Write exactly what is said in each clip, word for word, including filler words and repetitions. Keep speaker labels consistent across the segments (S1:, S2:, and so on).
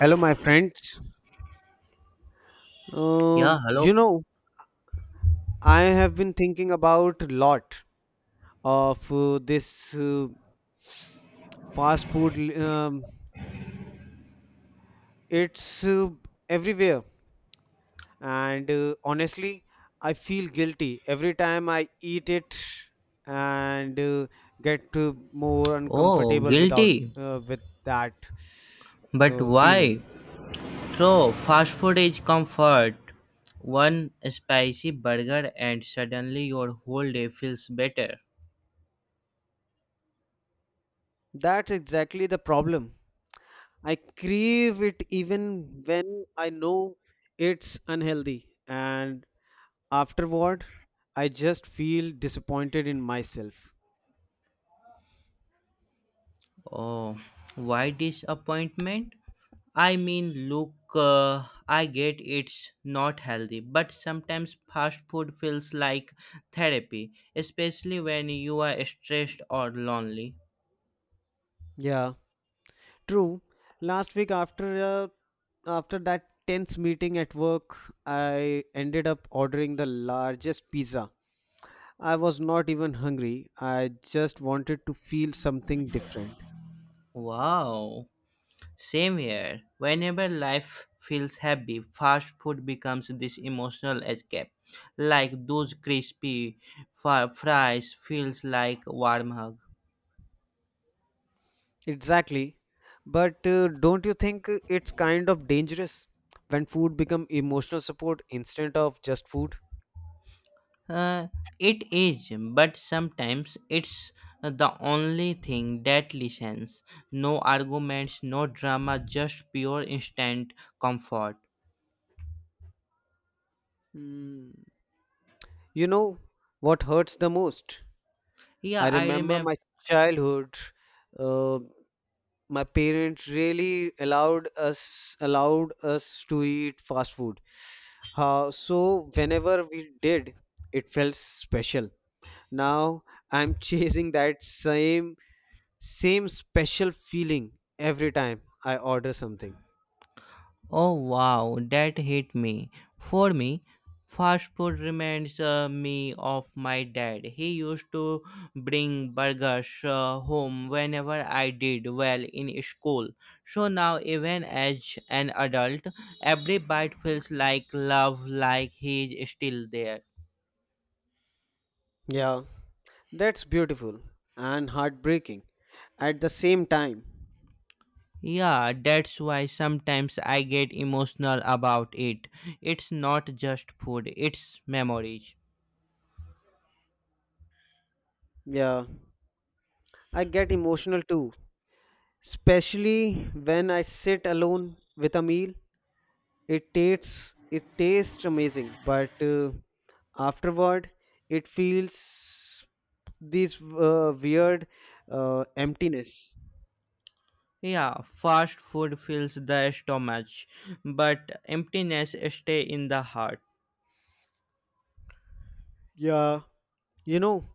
S1: Hello, my friends.
S2: Yeah,
S1: Um,
S2: hello.
S1: you know, I have been thinking about lot of uh, this uh, fast food. Um, it's uh, Everywhere, and uh, honestly, I feel guilty every time I eat it and uh, get uh, more
S2: Oh,
S1: uncomfortable without
S2: guilty.
S1: uh, with that
S2: But
S1: uh,
S2: why?
S1: feeling.
S2: So fast food is comfort. One spicy burger and suddenly your whole day feels better.
S1: That's exactly the problem. I crave it even when I know it's unhealthy, and afterward, I just feel disappointed in myself.
S2: Oh, why disappointment? I mean, look, uh, I get it's not healthy, but sometimes fast food feels like therapy, especially when you are stressed or lonely.
S1: Yeah, true. Last week, after uh, after that tense meeting at work, I ended up ordering the largest pizza. I was not even hungry. I just wanted to feel something different.
S2: Wow. Same here. Whenever life feels heavy, fast food becomes this emotional escape. Like those crispy fr- fries feels like a warm hug.
S1: Exactly. But uh, don't you think it's kind of dangerous when food become emotional support instead of just food?
S2: Uh, it is, but sometimes it's the only thing that listens. No arguments, no drama, just pure instant comfort.
S1: Hmm. You know what hurts the most?
S2: Yeah,
S1: I
S2: I
S1: remember
S2: remember.
S1: my childhood. Uh, my parents really allowed us allowed us to eat fast food. How so whenever we did, it felt special. Now I'm chasing that same same special feeling every time I order something.
S2: Oh wow, that hit me. For me, fast food reminds uh, me of my dad. He used to bring burgers uh, home whenever I did well in school. So now, even as an adult, every bite feels like love, like he's still there.
S1: Yeah, that's beautiful and heartbreaking at the same time.
S2: Yeah, that's why sometimes I get emotional about it. It's not just food, it's memories.
S1: Yeah, I get emotional too, especially when I sit alone with a meal. It tastes it tastes amazing, but uh, afterward it feels this uh, weird uh, emptiness.
S2: Yeah, fast food fills the stomach, but emptiness stay in the heart.
S1: Yeah, you know,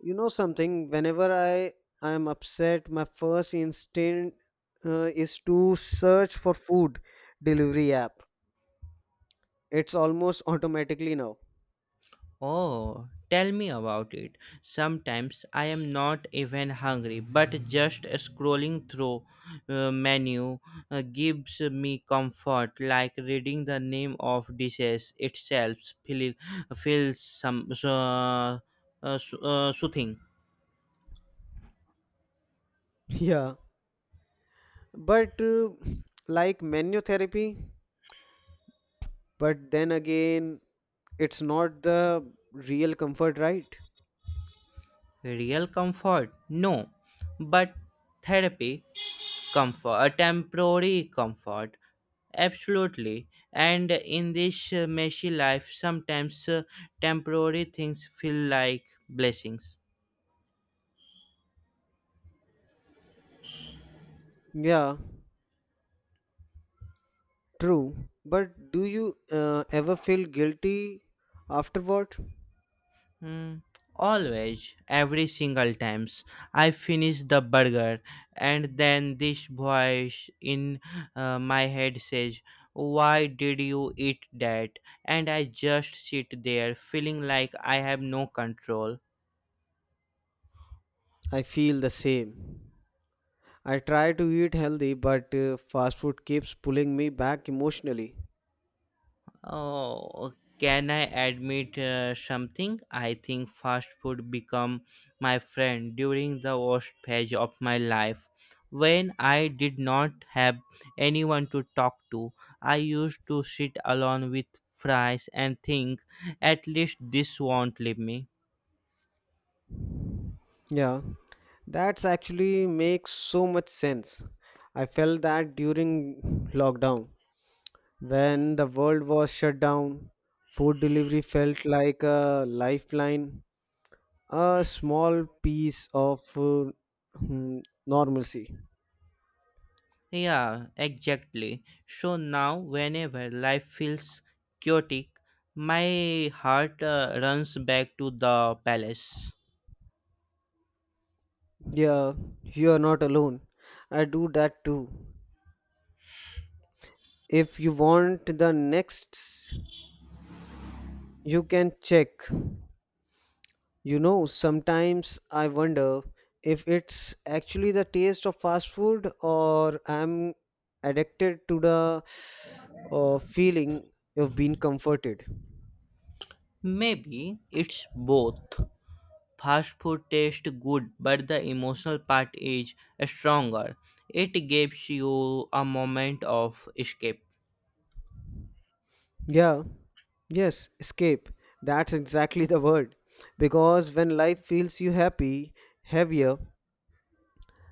S1: You know something, whenever I I am upset, my first instinct uh, is to search for food delivery app. It's almost automatically now.
S2: Oh, tell me about it. Sometimes I am not even hungry, but just scrolling through uh, menu uh, gives me comfort, like reading the name of dishes itself feel, feels some uh, uh, so- uh, soothing.
S1: Yeah. But uh, like menu therapy, but then again, it's not the real comfort, right?
S2: Real comfort? No, but therapy comfort, a temporary comfort, absolutely, and in this uh, messy life sometimes uh, temporary things feel like blessings.
S1: Yeah, true. But do you uh, ever feel guilty afterward?
S2: Hmm. Always, every single times I finish the burger, and then this voice in uh, my head says, why did you eat that? And I just sit there feeling like I have no control.
S1: I feel the same. I try to eat healthy, but uh, fast food keeps pulling me back emotionally.
S2: Oh, can I admit uh, something? I think fast food become my friend during the worst phase of my life. When I did not have anyone to talk to, I used to sit alone with fries and think, at least this won't leave me.
S1: Yeah, that's actually makes so much sense. I felt that during lockdown, when the world was shut down, food delivery felt like a lifeline, a small piece of uh, hmm, normalcy.
S2: Yeah, exactly. So now, whenever life feels chaotic, my heart uh, runs back to the palace.
S1: Yeah, you are not alone. I do that too. If you want the next, you can check. You know, sometimes I wonder if it's actually the taste of fast food or I'm addicted to the uh, feeling of being comforted.
S2: Maybe it's both. Fast food tastes good, but the emotional part is stronger. It gives you a moment of escape.
S1: Yeah, yes, escape. That's exactly the word. Because when life feels you happy, heavier,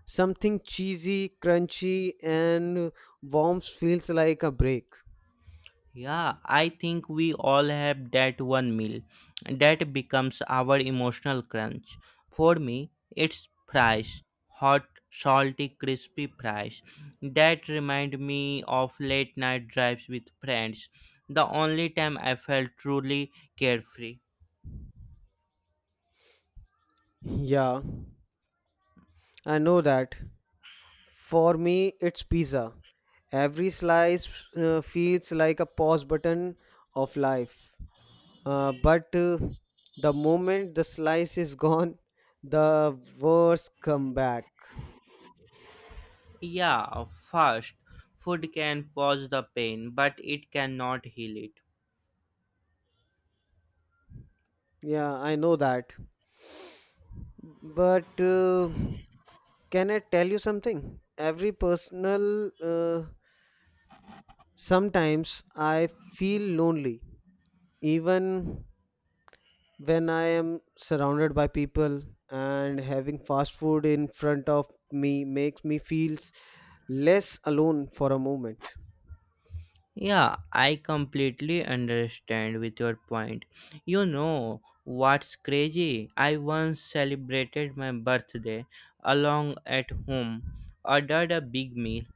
S1: something cheesy, crunchy, and warm feels like a break.
S2: Yeah, I think we all have that one meal that becomes our emotional crunch. For me, it's fries, hot, salty, crispy fries. That remind me of late night drives with friends, the only time I felt truly carefree.
S1: Yeah, I know that. For me, it's pizza. Every slice uh, feels like a pause button of life. Uh, but uh, The moment the slice is gone, the words come back.
S2: Yeah, first, food can pause the pain, but it cannot heal it.
S1: Yeah, I know that. But uh, can I tell you something? Every personal, uh, sometimes I feel lonely, even when I am surrounded by people and having fast food in front of me makes me feels less alone for a moment.
S2: Yeah, I completely understand with your point. You know what's crazy? I once celebrated my birthday along at home, ordered a big meal,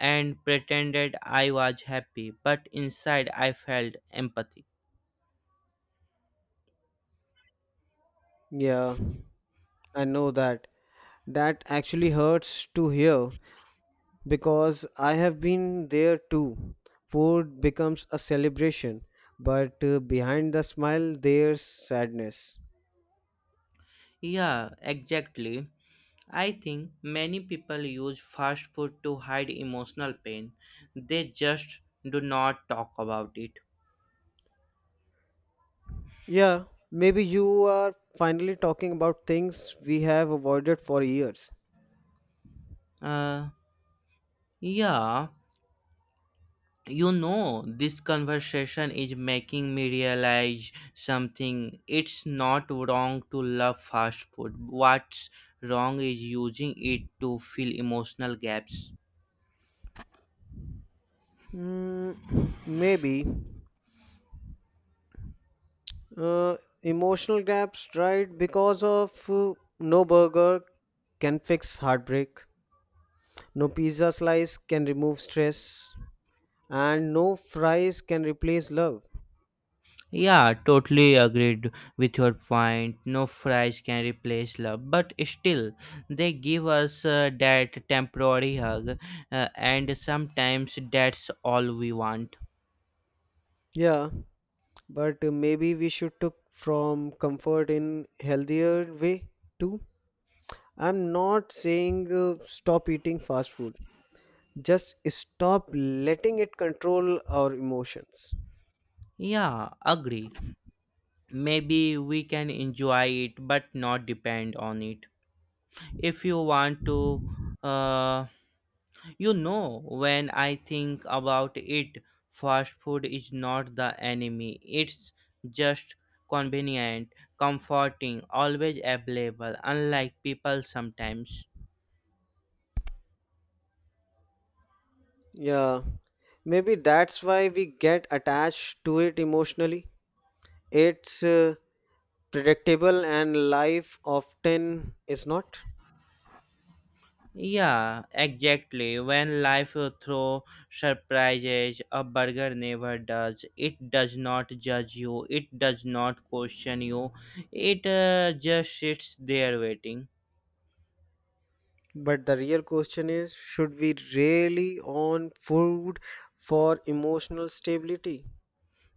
S2: and pretended I was happy, but inside I felt empathy.
S1: Yeah, I know that. That actually hurts to hear because I have been there too. Food becomes a celebration, but uh, behind the smile there's sadness.
S2: Yeah, exactly. I think many people use fast food to hide emotional pain. They just do not talk about it.
S1: Yeah, maybe you are finally talking about things we have avoided for years.
S2: Uh, yeah, you know, this conversation is making me realize something. It's not wrong to love fast food. What's wrong is using it to fill emotional gaps.
S1: Mm, maybe. Uh, Emotional gaps, right? Because of uh, no burger can fix heartbreak, no pizza slice can remove stress, and no fries can replace love.
S2: Yeah, totally agreed with your point. No fries can replace love, but still, they give us uh, that temporary hug, uh, and sometimes that's all we want.
S1: Yeah, but uh, maybe we should took from comfort in healthier way too. I'm not saying uh, stop eating fast food. Just stop letting it control our emotions.
S2: Yeah, agree. Maybe we can enjoy it, but not depend on it. If you want to, uh, you know, when I think about it, fast food is not the enemy. It's just convenient, comforting, always available, unlike people sometimes.
S1: Yeah, maybe that's why we get attached to it emotionally. It's uh, predictable and life often is not.
S2: Yeah, exactly. When life throws surprises, a burger never does. It does not judge you, it does not question you, it uh, just sits there waiting.
S1: But the real question is should we really on food for emotional stability?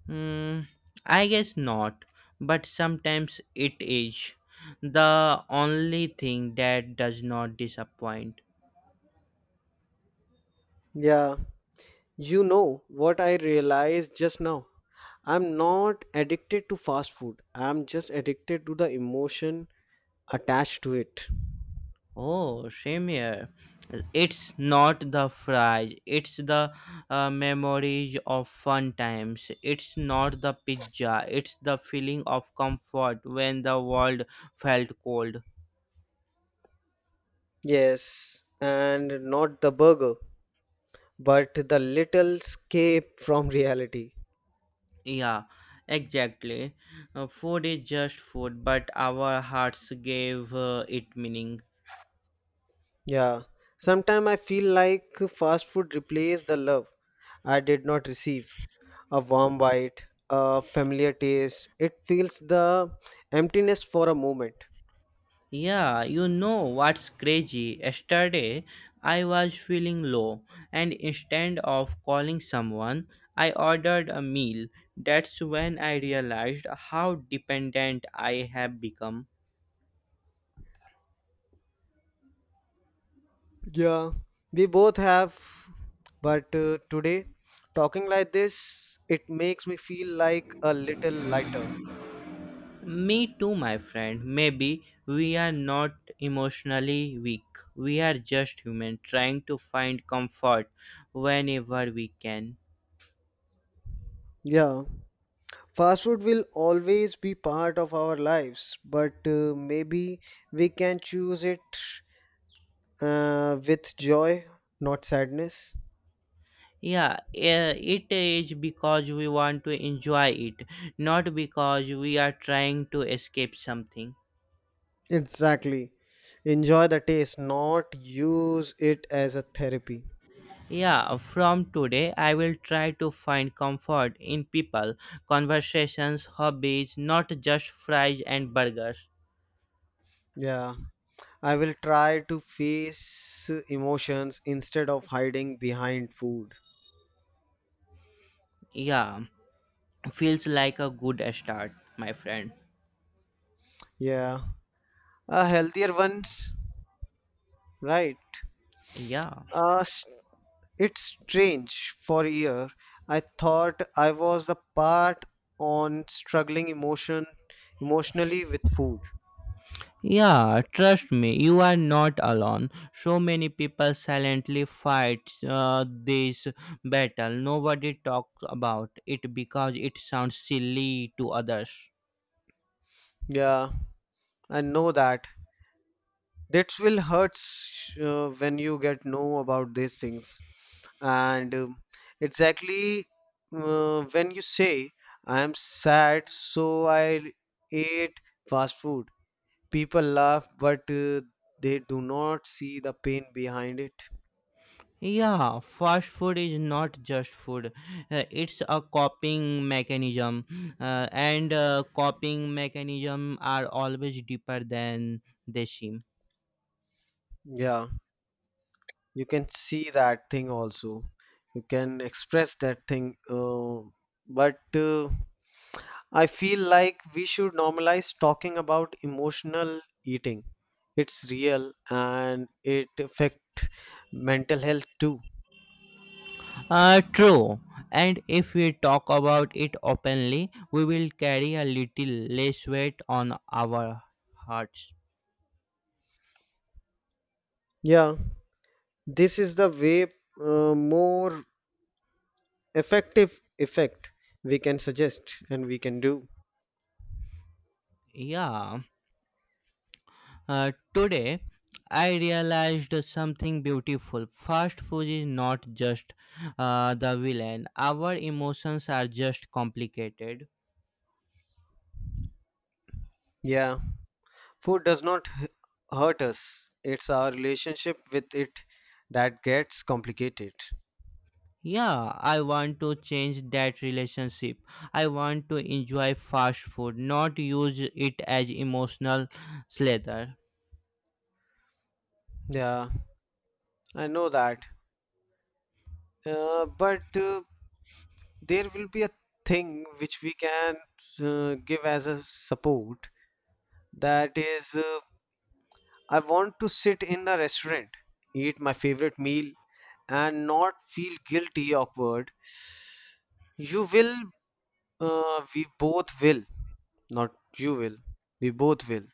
S2: Hmm. I guess not, but sometimes it is. The only thing that does not disappoint.
S1: Yeah, you know what I realized just now. I'm not addicted to fast food. I'm just addicted to the emotion attached to it.
S2: Oh, same here. It's not the fries, it's the uh, memories of fun times. It's not the pizza, it's the feeling of comfort when the world felt cold.
S1: Yes, and not the burger, but the little escape from reality.
S2: Yeah, exactly. Uh, food is just food, but our hearts gave uh, it meaning.
S1: Yeah, sometimes I feel like fast food replaced the love I did not receive. A warm bite, a familiar taste, it fills the emptiness for a moment.
S2: Yeah, you know what's crazy? Yesterday, I was feeling low, and instead of calling someone, I ordered a meal. That's when I realized how dependent I have become.
S1: Yeah, we both have, but uh, today, talking like this, it makes me feel like a little lighter.
S2: Me too, my friend. Maybe we are not emotionally weak. We are just human trying to find comfort whenever we can.
S1: Yeah, fast food will always be part of our lives, but uh, maybe we can choose it uh, with joy, not sadness.
S2: Yeah, uh, it is because we want to enjoy it, not because we are trying to escape something.
S1: Exactly. Enjoy the taste, not use it as a therapy.
S2: Yeah, from today I will try to find comfort in people, conversations, hobbies, not just fries and burgers.
S1: Yeah, I will try to face emotions instead of hiding behind food.
S2: Yeah, feels like a good start, my friend.
S1: Yeah, a healthier ones, right?
S2: Yeah.
S1: Uh, s- it's strange. For a year, I thought I was the part on struggling emotion emotionally with food.
S2: Yeah, trust me, you are not alone. So many people silently fight uh, this battle. Nobody talks about it because it sounds silly to others.
S1: Yeah, I know that that will hurts uh, when you get know about these things and um, exactly uh, when you say I am sad so I ate fast food people laugh but uh, they do not see the pain behind it.
S2: Yeah, fast food is not just food. Uh, it's a coping mechanism, uh, and uh, coping mechanism are always deeper than they seem.
S1: Yeah, you can see that thing also, you can express that thing, uh, but uh, I feel like we should normalize talking about emotional eating. It's real and it affect mental health too.
S2: Uh, true. And if we talk about it openly, we will carry a little less weight on our hearts.
S1: Yeah, this is the way uh, more effective effect we can suggest and we can do.
S2: Yeah. Uh, today, I realized something beautiful. Fast food is not just uh, the villain, our emotions are just complicated.
S1: Yeah, food does not h- hurt us. It's our relationship with it that gets complicated.
S2: Yeah, I want to change that relationship. I want to enjoy fast food, not use it as emotional slather.
S1: Yeah, I know that. Uh, but uh, There will be a thing which we can uh, give as a support, that is, uh, I want to sit in the restaurant, eat my favorite meal and not feel guilty awkward. You will uh, we both will not you will We both will,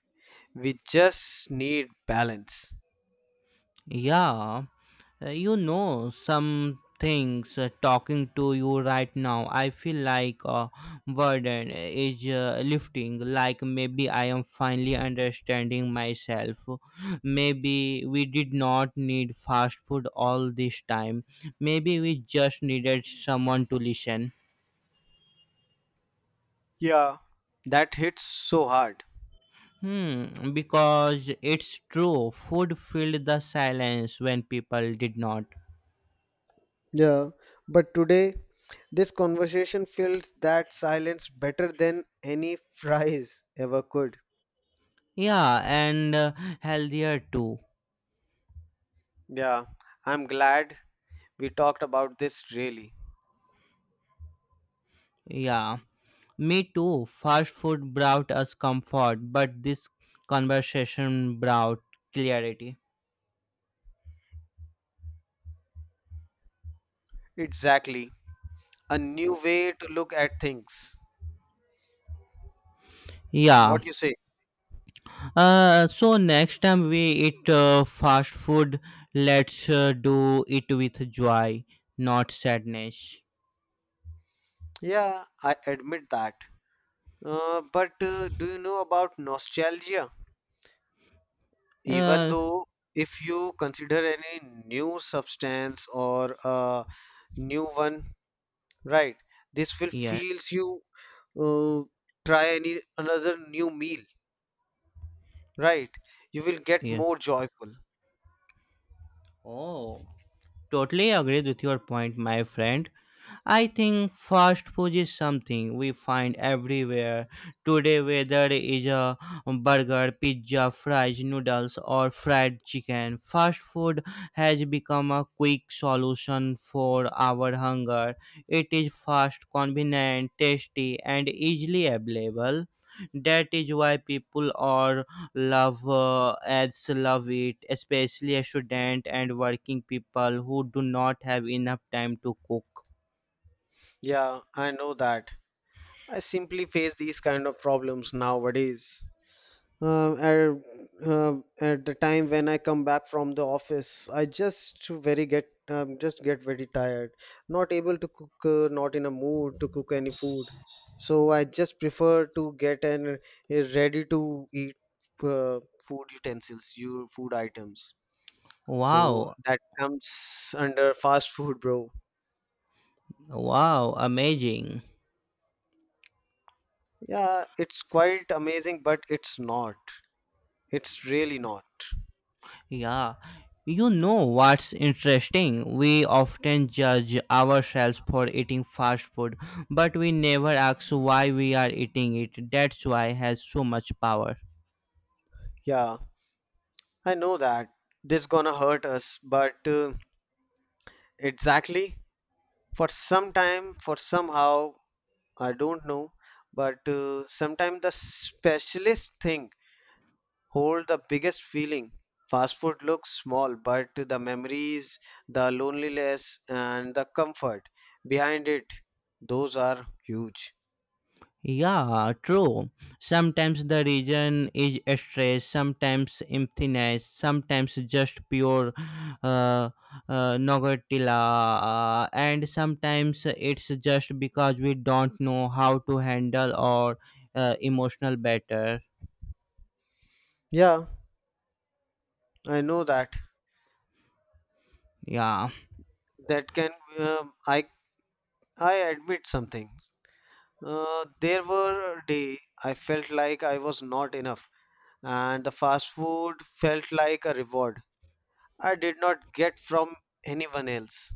S1: we just need balance.
S2: Yeah. Uh, you know, some things, uh, talking to you right now, I feel like a burden is uh, lifting, like maybe I am finally understanding myself. Maybe we did not need fast food all this time. Maybe we just needed someone to listen.
S1: Yeah, that hits so hard.
S2: Hmm, because it's true, food filled the silence when people did not.
S1: Yeah, but today this conversation fills that silence better than any fries ever could.
S2: Yeah, and uh, healthier too.
S1: Yeah, I'm glad we talked about this really.
S2: Yeah. Me too. Fast food brought us comfort, but this conversation brought clarity.
S1: Exactly. A new way to look at things.
S2: Yeah.
S1: What you say?
S2: Uh, so next time we eat uh, fast food, let's uh, do it with joy, not sadness.
S1: Yeah, I admit that. Uh, but uh, Do you know about nostalgia? Even
S2: Uh,
S1: though if you consider any new substance or a new one, right, this will
S2: yeah,
S1: feels you. uh, Try any another new meal, right, you will get
S2: yeah.
S1: more joyful.
S2: Oh, totally agreed with your point, my friend. I think fast food is something we find everywhere today, whether it is a burger, pizza, fries, noodles, or fried chicken. Fast food has become a quick solution for our hunger. It is fast, convenient, tasty, and easily available. That is why people are love uh, ads love it, especially student and working people who do not have enough time to cook.
S1: Yeah I know that, I simply face these kind of problems nowadays. Uh, at, uh, at the time when I come back from the office, I just very get um, just get very tired, not able to cook, uh, not in a mood to cook any food. So I just prefer to get an uh, ready to eat uh, food utensils, your food items. So
S2: Wow,
S1: that comes under fast food, bro.
S2: wow, amazing.
S1: Yeah, it's quite amazing, but it's not. It's really not.
S2: Yeah. You know what's interesting? We often judge ourselves for eating fast food, but we never ask why we are eating it. That's why it has so much power.
S1: Yeah. I know that this gonna hurt us, but uh, exactly for some time, for somehow, I don't know, but uh, sometimes the specialist thing hold the biggest feeling. Fast food looks small, but the memories, the loneliness, and the comfort behind it, those are huge.
S2: Yeah, true. Sometimes the reason is stress, sometimes emptiness, sometimes just pure uh, uh, nogatila, uh, and sometimes it's just because we don't know how to handle our uh, emotional better.
S1: Yeah, I know that.
S2: Yeah,
S1: That can um, I I admit something. Uh, there were a day I felt like I was not enough and the fast food felt like a reward I did not get from anyone else.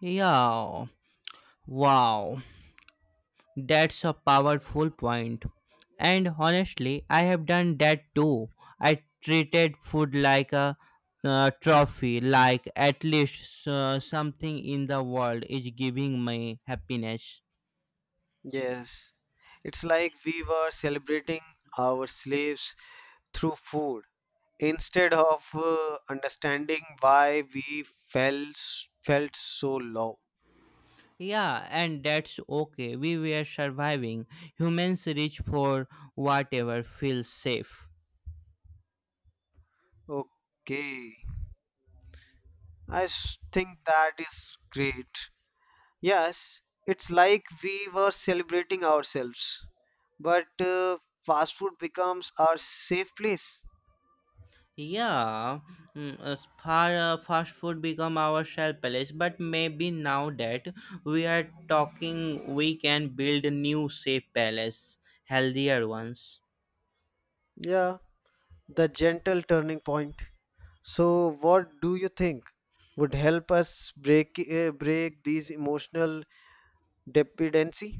S2: yeah, wow. That's a powerful point. And honestly, I have done that too. I treated food like a uh, trophy, like at least uh, something in the world is giving me happiness.
S1: Yes, it's like we were celebrating our slaves through food instead of uh, understanding why we felt felt so low.
S2: Yeah, and that's okay. We were surviving. Humans reach for whatever feels safe.
S1: Okay, I s- think that is great. Yes, it's like we were celebrating ourselves, but uh, fast food becomes our safe place.
S2: Yeah, mm, as far uh, fast food become our shelf place, but maybe now that we are talking, we can build new safe palace, healthier ones.
S1: Yeah. The gentle turning point. So, what do you think would help us break uh, break these emotional dependency?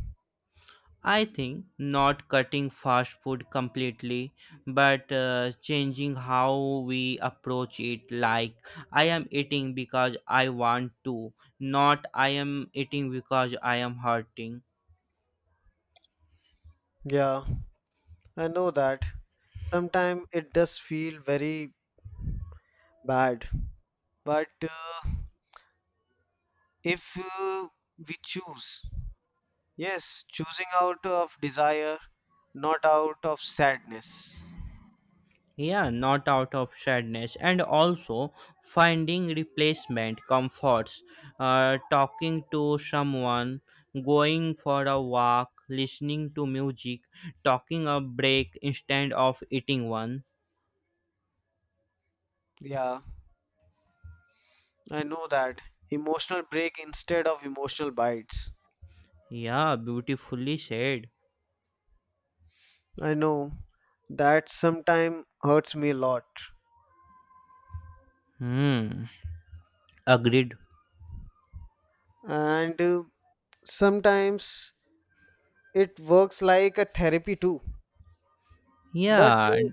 S2: I think not cutting fast food completely, but uh, changing how we approach it. Like I am eating because I want to, not I am eating because I am hurting.
S1: Yeah, I know that. Sometimes it does feel very bad, but uh, if uh, we choose, yes, choosing out of desire, not out of sadness.
S2: Yeah, not out of sadness, and also finding replacement comforts, uh, talking to someone, going for a walk, listening to music, talking a break instead of eating one.
S1: Yeah, I know that. Emotional break instead of emotional bites.
S2: Yeah, beautifully said.
S1: I know that sometimes hurts me a lot.
S2: Hmm, agreed.
S1: And uh, sometimes it works like a therapy too. But
S2: Yeah.
S1: uh,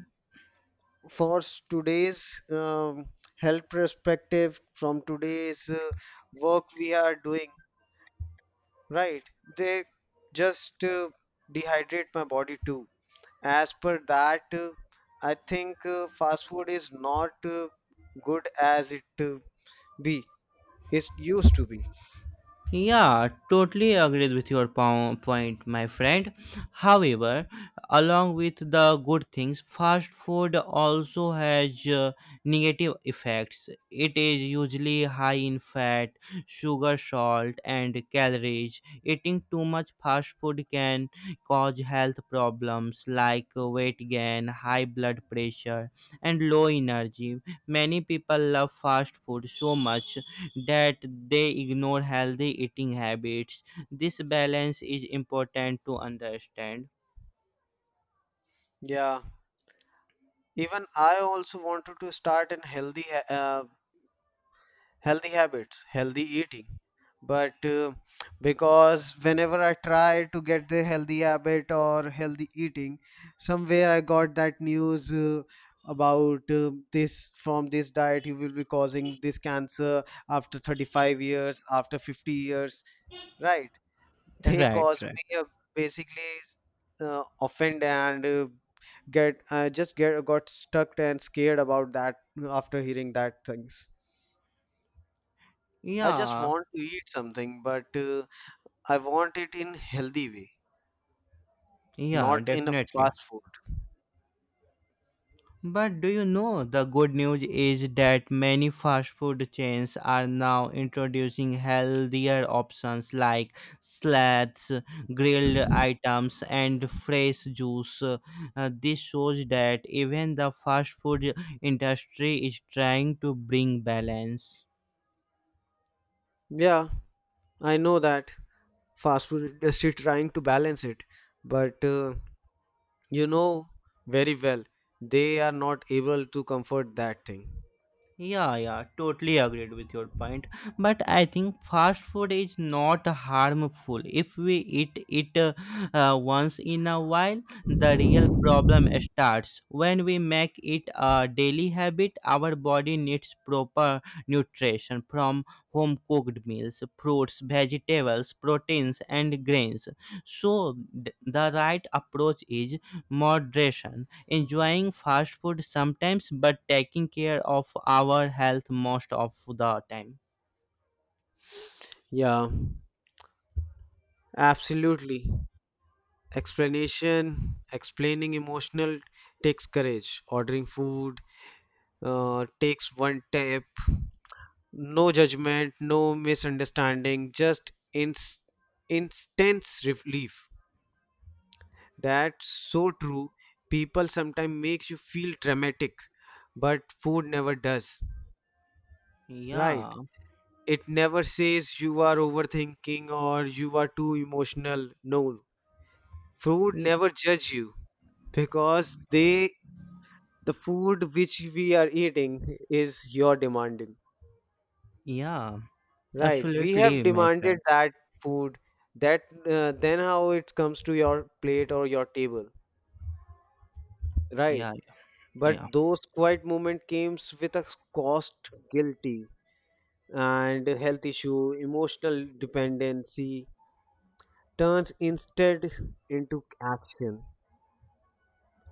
S1: for s- today's um, health perspective, from today's uh, work we are doing, right? They just uh, dehydrate my body too. As per that, uh, I think uh, fast food is not uh, good as it uh, be. It used to be.
S2: Yeah, totally agreed with your po- point, my friend. However, along with the good things, fast food also has uh, negative effects. It is usually high in fat, sugar, salt, and calories. Eating too much fast food can cause health problems like weight gain, high blood pressure, and low energy. Many people love fast food so much that they ignore healthy eating habits. This balance is important to understand.
S1: Yeah. Even I also wanted to start in healthy ha- uh, healthy habits, healthy eating. But uh, because whenever I try to get the healthy habit or healthy eating, somewhere I got that news uh, about uh, this, from this diet you will be causing this cancer after thirty-five years, after fifty years, right? They
S2: Right,
S1: cause
S2: right.
S1: me uh, basically uh, offend and uh, get I just get got stuck and scared about that after hearing that things. I just
S2: Yeah,
S1: want to eat something, but uh, I want it in healthy way,
S2: yeah,
S1: not in a
S2: definitely.
S1: fast food.
S2: But do you know the good news is that many fast food chains are now introducing healthier options like salads, grilled items, and fresh juice. Uh, this shows that even the fast food industry is trying to bring balance.
S1: Yeah, I know that fast food industry trying to balance it, but uh, you know very well they are not able to comfort that thing.
S2: Yeah, yeah, totally agreed with your point. But I think fast food is not harmful if we eat it uh, uh, once in a while. The real problem starts when we make it a daily habit. Our body needs proper nutrition from home cooked meals, fruits, vegetables, proteins, and grains. So, th- the right approach is moderation, enjoying fast food sometimes but taking care of our health most of the time.
S1: Yeah, absolutely. Explanation, explaining emotional takes courage, ordering food uh, takes one tap, no judgment, no misunderstanding, just ins- intense relief. That's so true. People sometimes makes you feel dramatic, but food never does, right?
S2: Yeah,
S1: It never says you are overthinking or you are too emotional, no, food
S2: y-
S1: never judge you, because they, the food which we are eating, is your demanding,
S2: yeah,
S1: right? We have
S2: absolutely, my
S1: demanded
S2: friend.
S1: that food, that, uh, then how it comes to your plate or your table, right?
S2: Yeah,
S1: But
S2: yeah,
S1: those quiet moment comes with a cost, guilty and health issue, emotional dependency turns instead into action.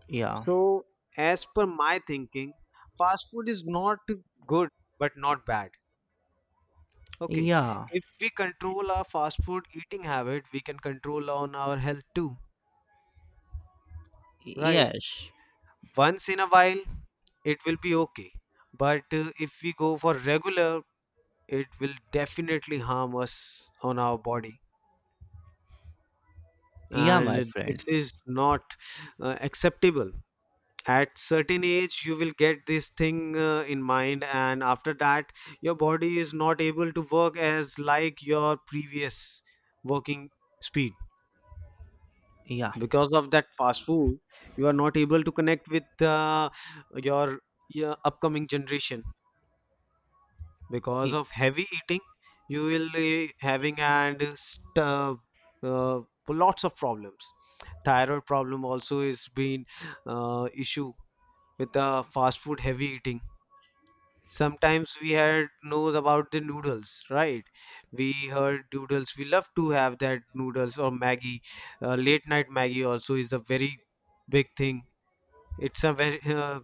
S2: yeah,
S1: So as per my thinking, fast food is not good but not bad. Okay,
S2: yeah,
S1: if we control our fast food eating habit, we can control on our health too, right?
S2: yes,
S1: Once in a while, it will be okay. But uh, if we go for regular, it will definitely harm us on our body.
S2: yeah,
S1: And
S2: my friend,
S1: this is not uh, acceptable. At certain age, you will get this thing uh, in mind, and after that, your body is not able to work as like your previous working speed.
S2: yeah,
S1: Because of that fast food you are not able to connect with uh, your, your upcoming generation because
S2: y-
S1: of heavy eating. You will be having and st- uh, uh, Lots of problems, thyroid problem also is been uh, issue with the fast food heavy eating. Sometimes we had knows about the noodles, right? We heard noodles, we love to have that noodles or maggie. Uh, late night maggie also is a very big thing. It's a very uh,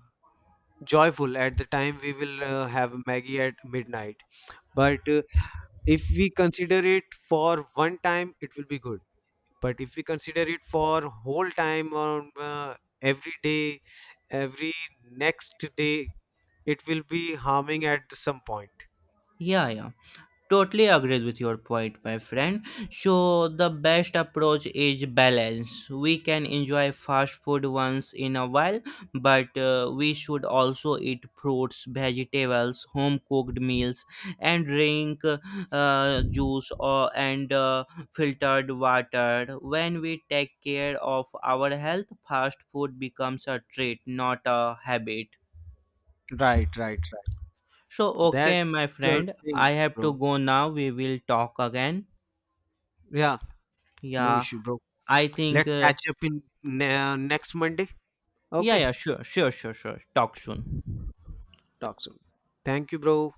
S1: joyful. At the time, we will uh, have Maggie at midnight. But uh, if we consider it for one time, it will be good. But if we consider it for whole time or uh, every day, every next day, it will be harming at some point.
S2: yeah, yeah. Totally agrees with your point, my friend. So, the best approach is balance. We can enjoy fast food once in a while, but uh, we should also eat fruits, vegetables, home cooked meals, and drink uh, uh, juice, or, and uh, filtered water. When we take care of our health, fast food becomes a treat, not a habit.
S1: Right, right, right.
S2: So, okay, my
S1: That's the
S2: friend,
S1: thing,
S2: I have to
S1: bro.
S2: go now. We will talk again.
S1: Yeah, no
S2: Yeah,
S1: issue, bro.
S2: I think,
S1: Let's
S2: uh,
S1: catch up in ne- next Monday.
S2: yeah,
S1: Okay,
S2: yeah, sure, sure, sure, sure. Talk soon.
S1: talk soon. Thank you, bro.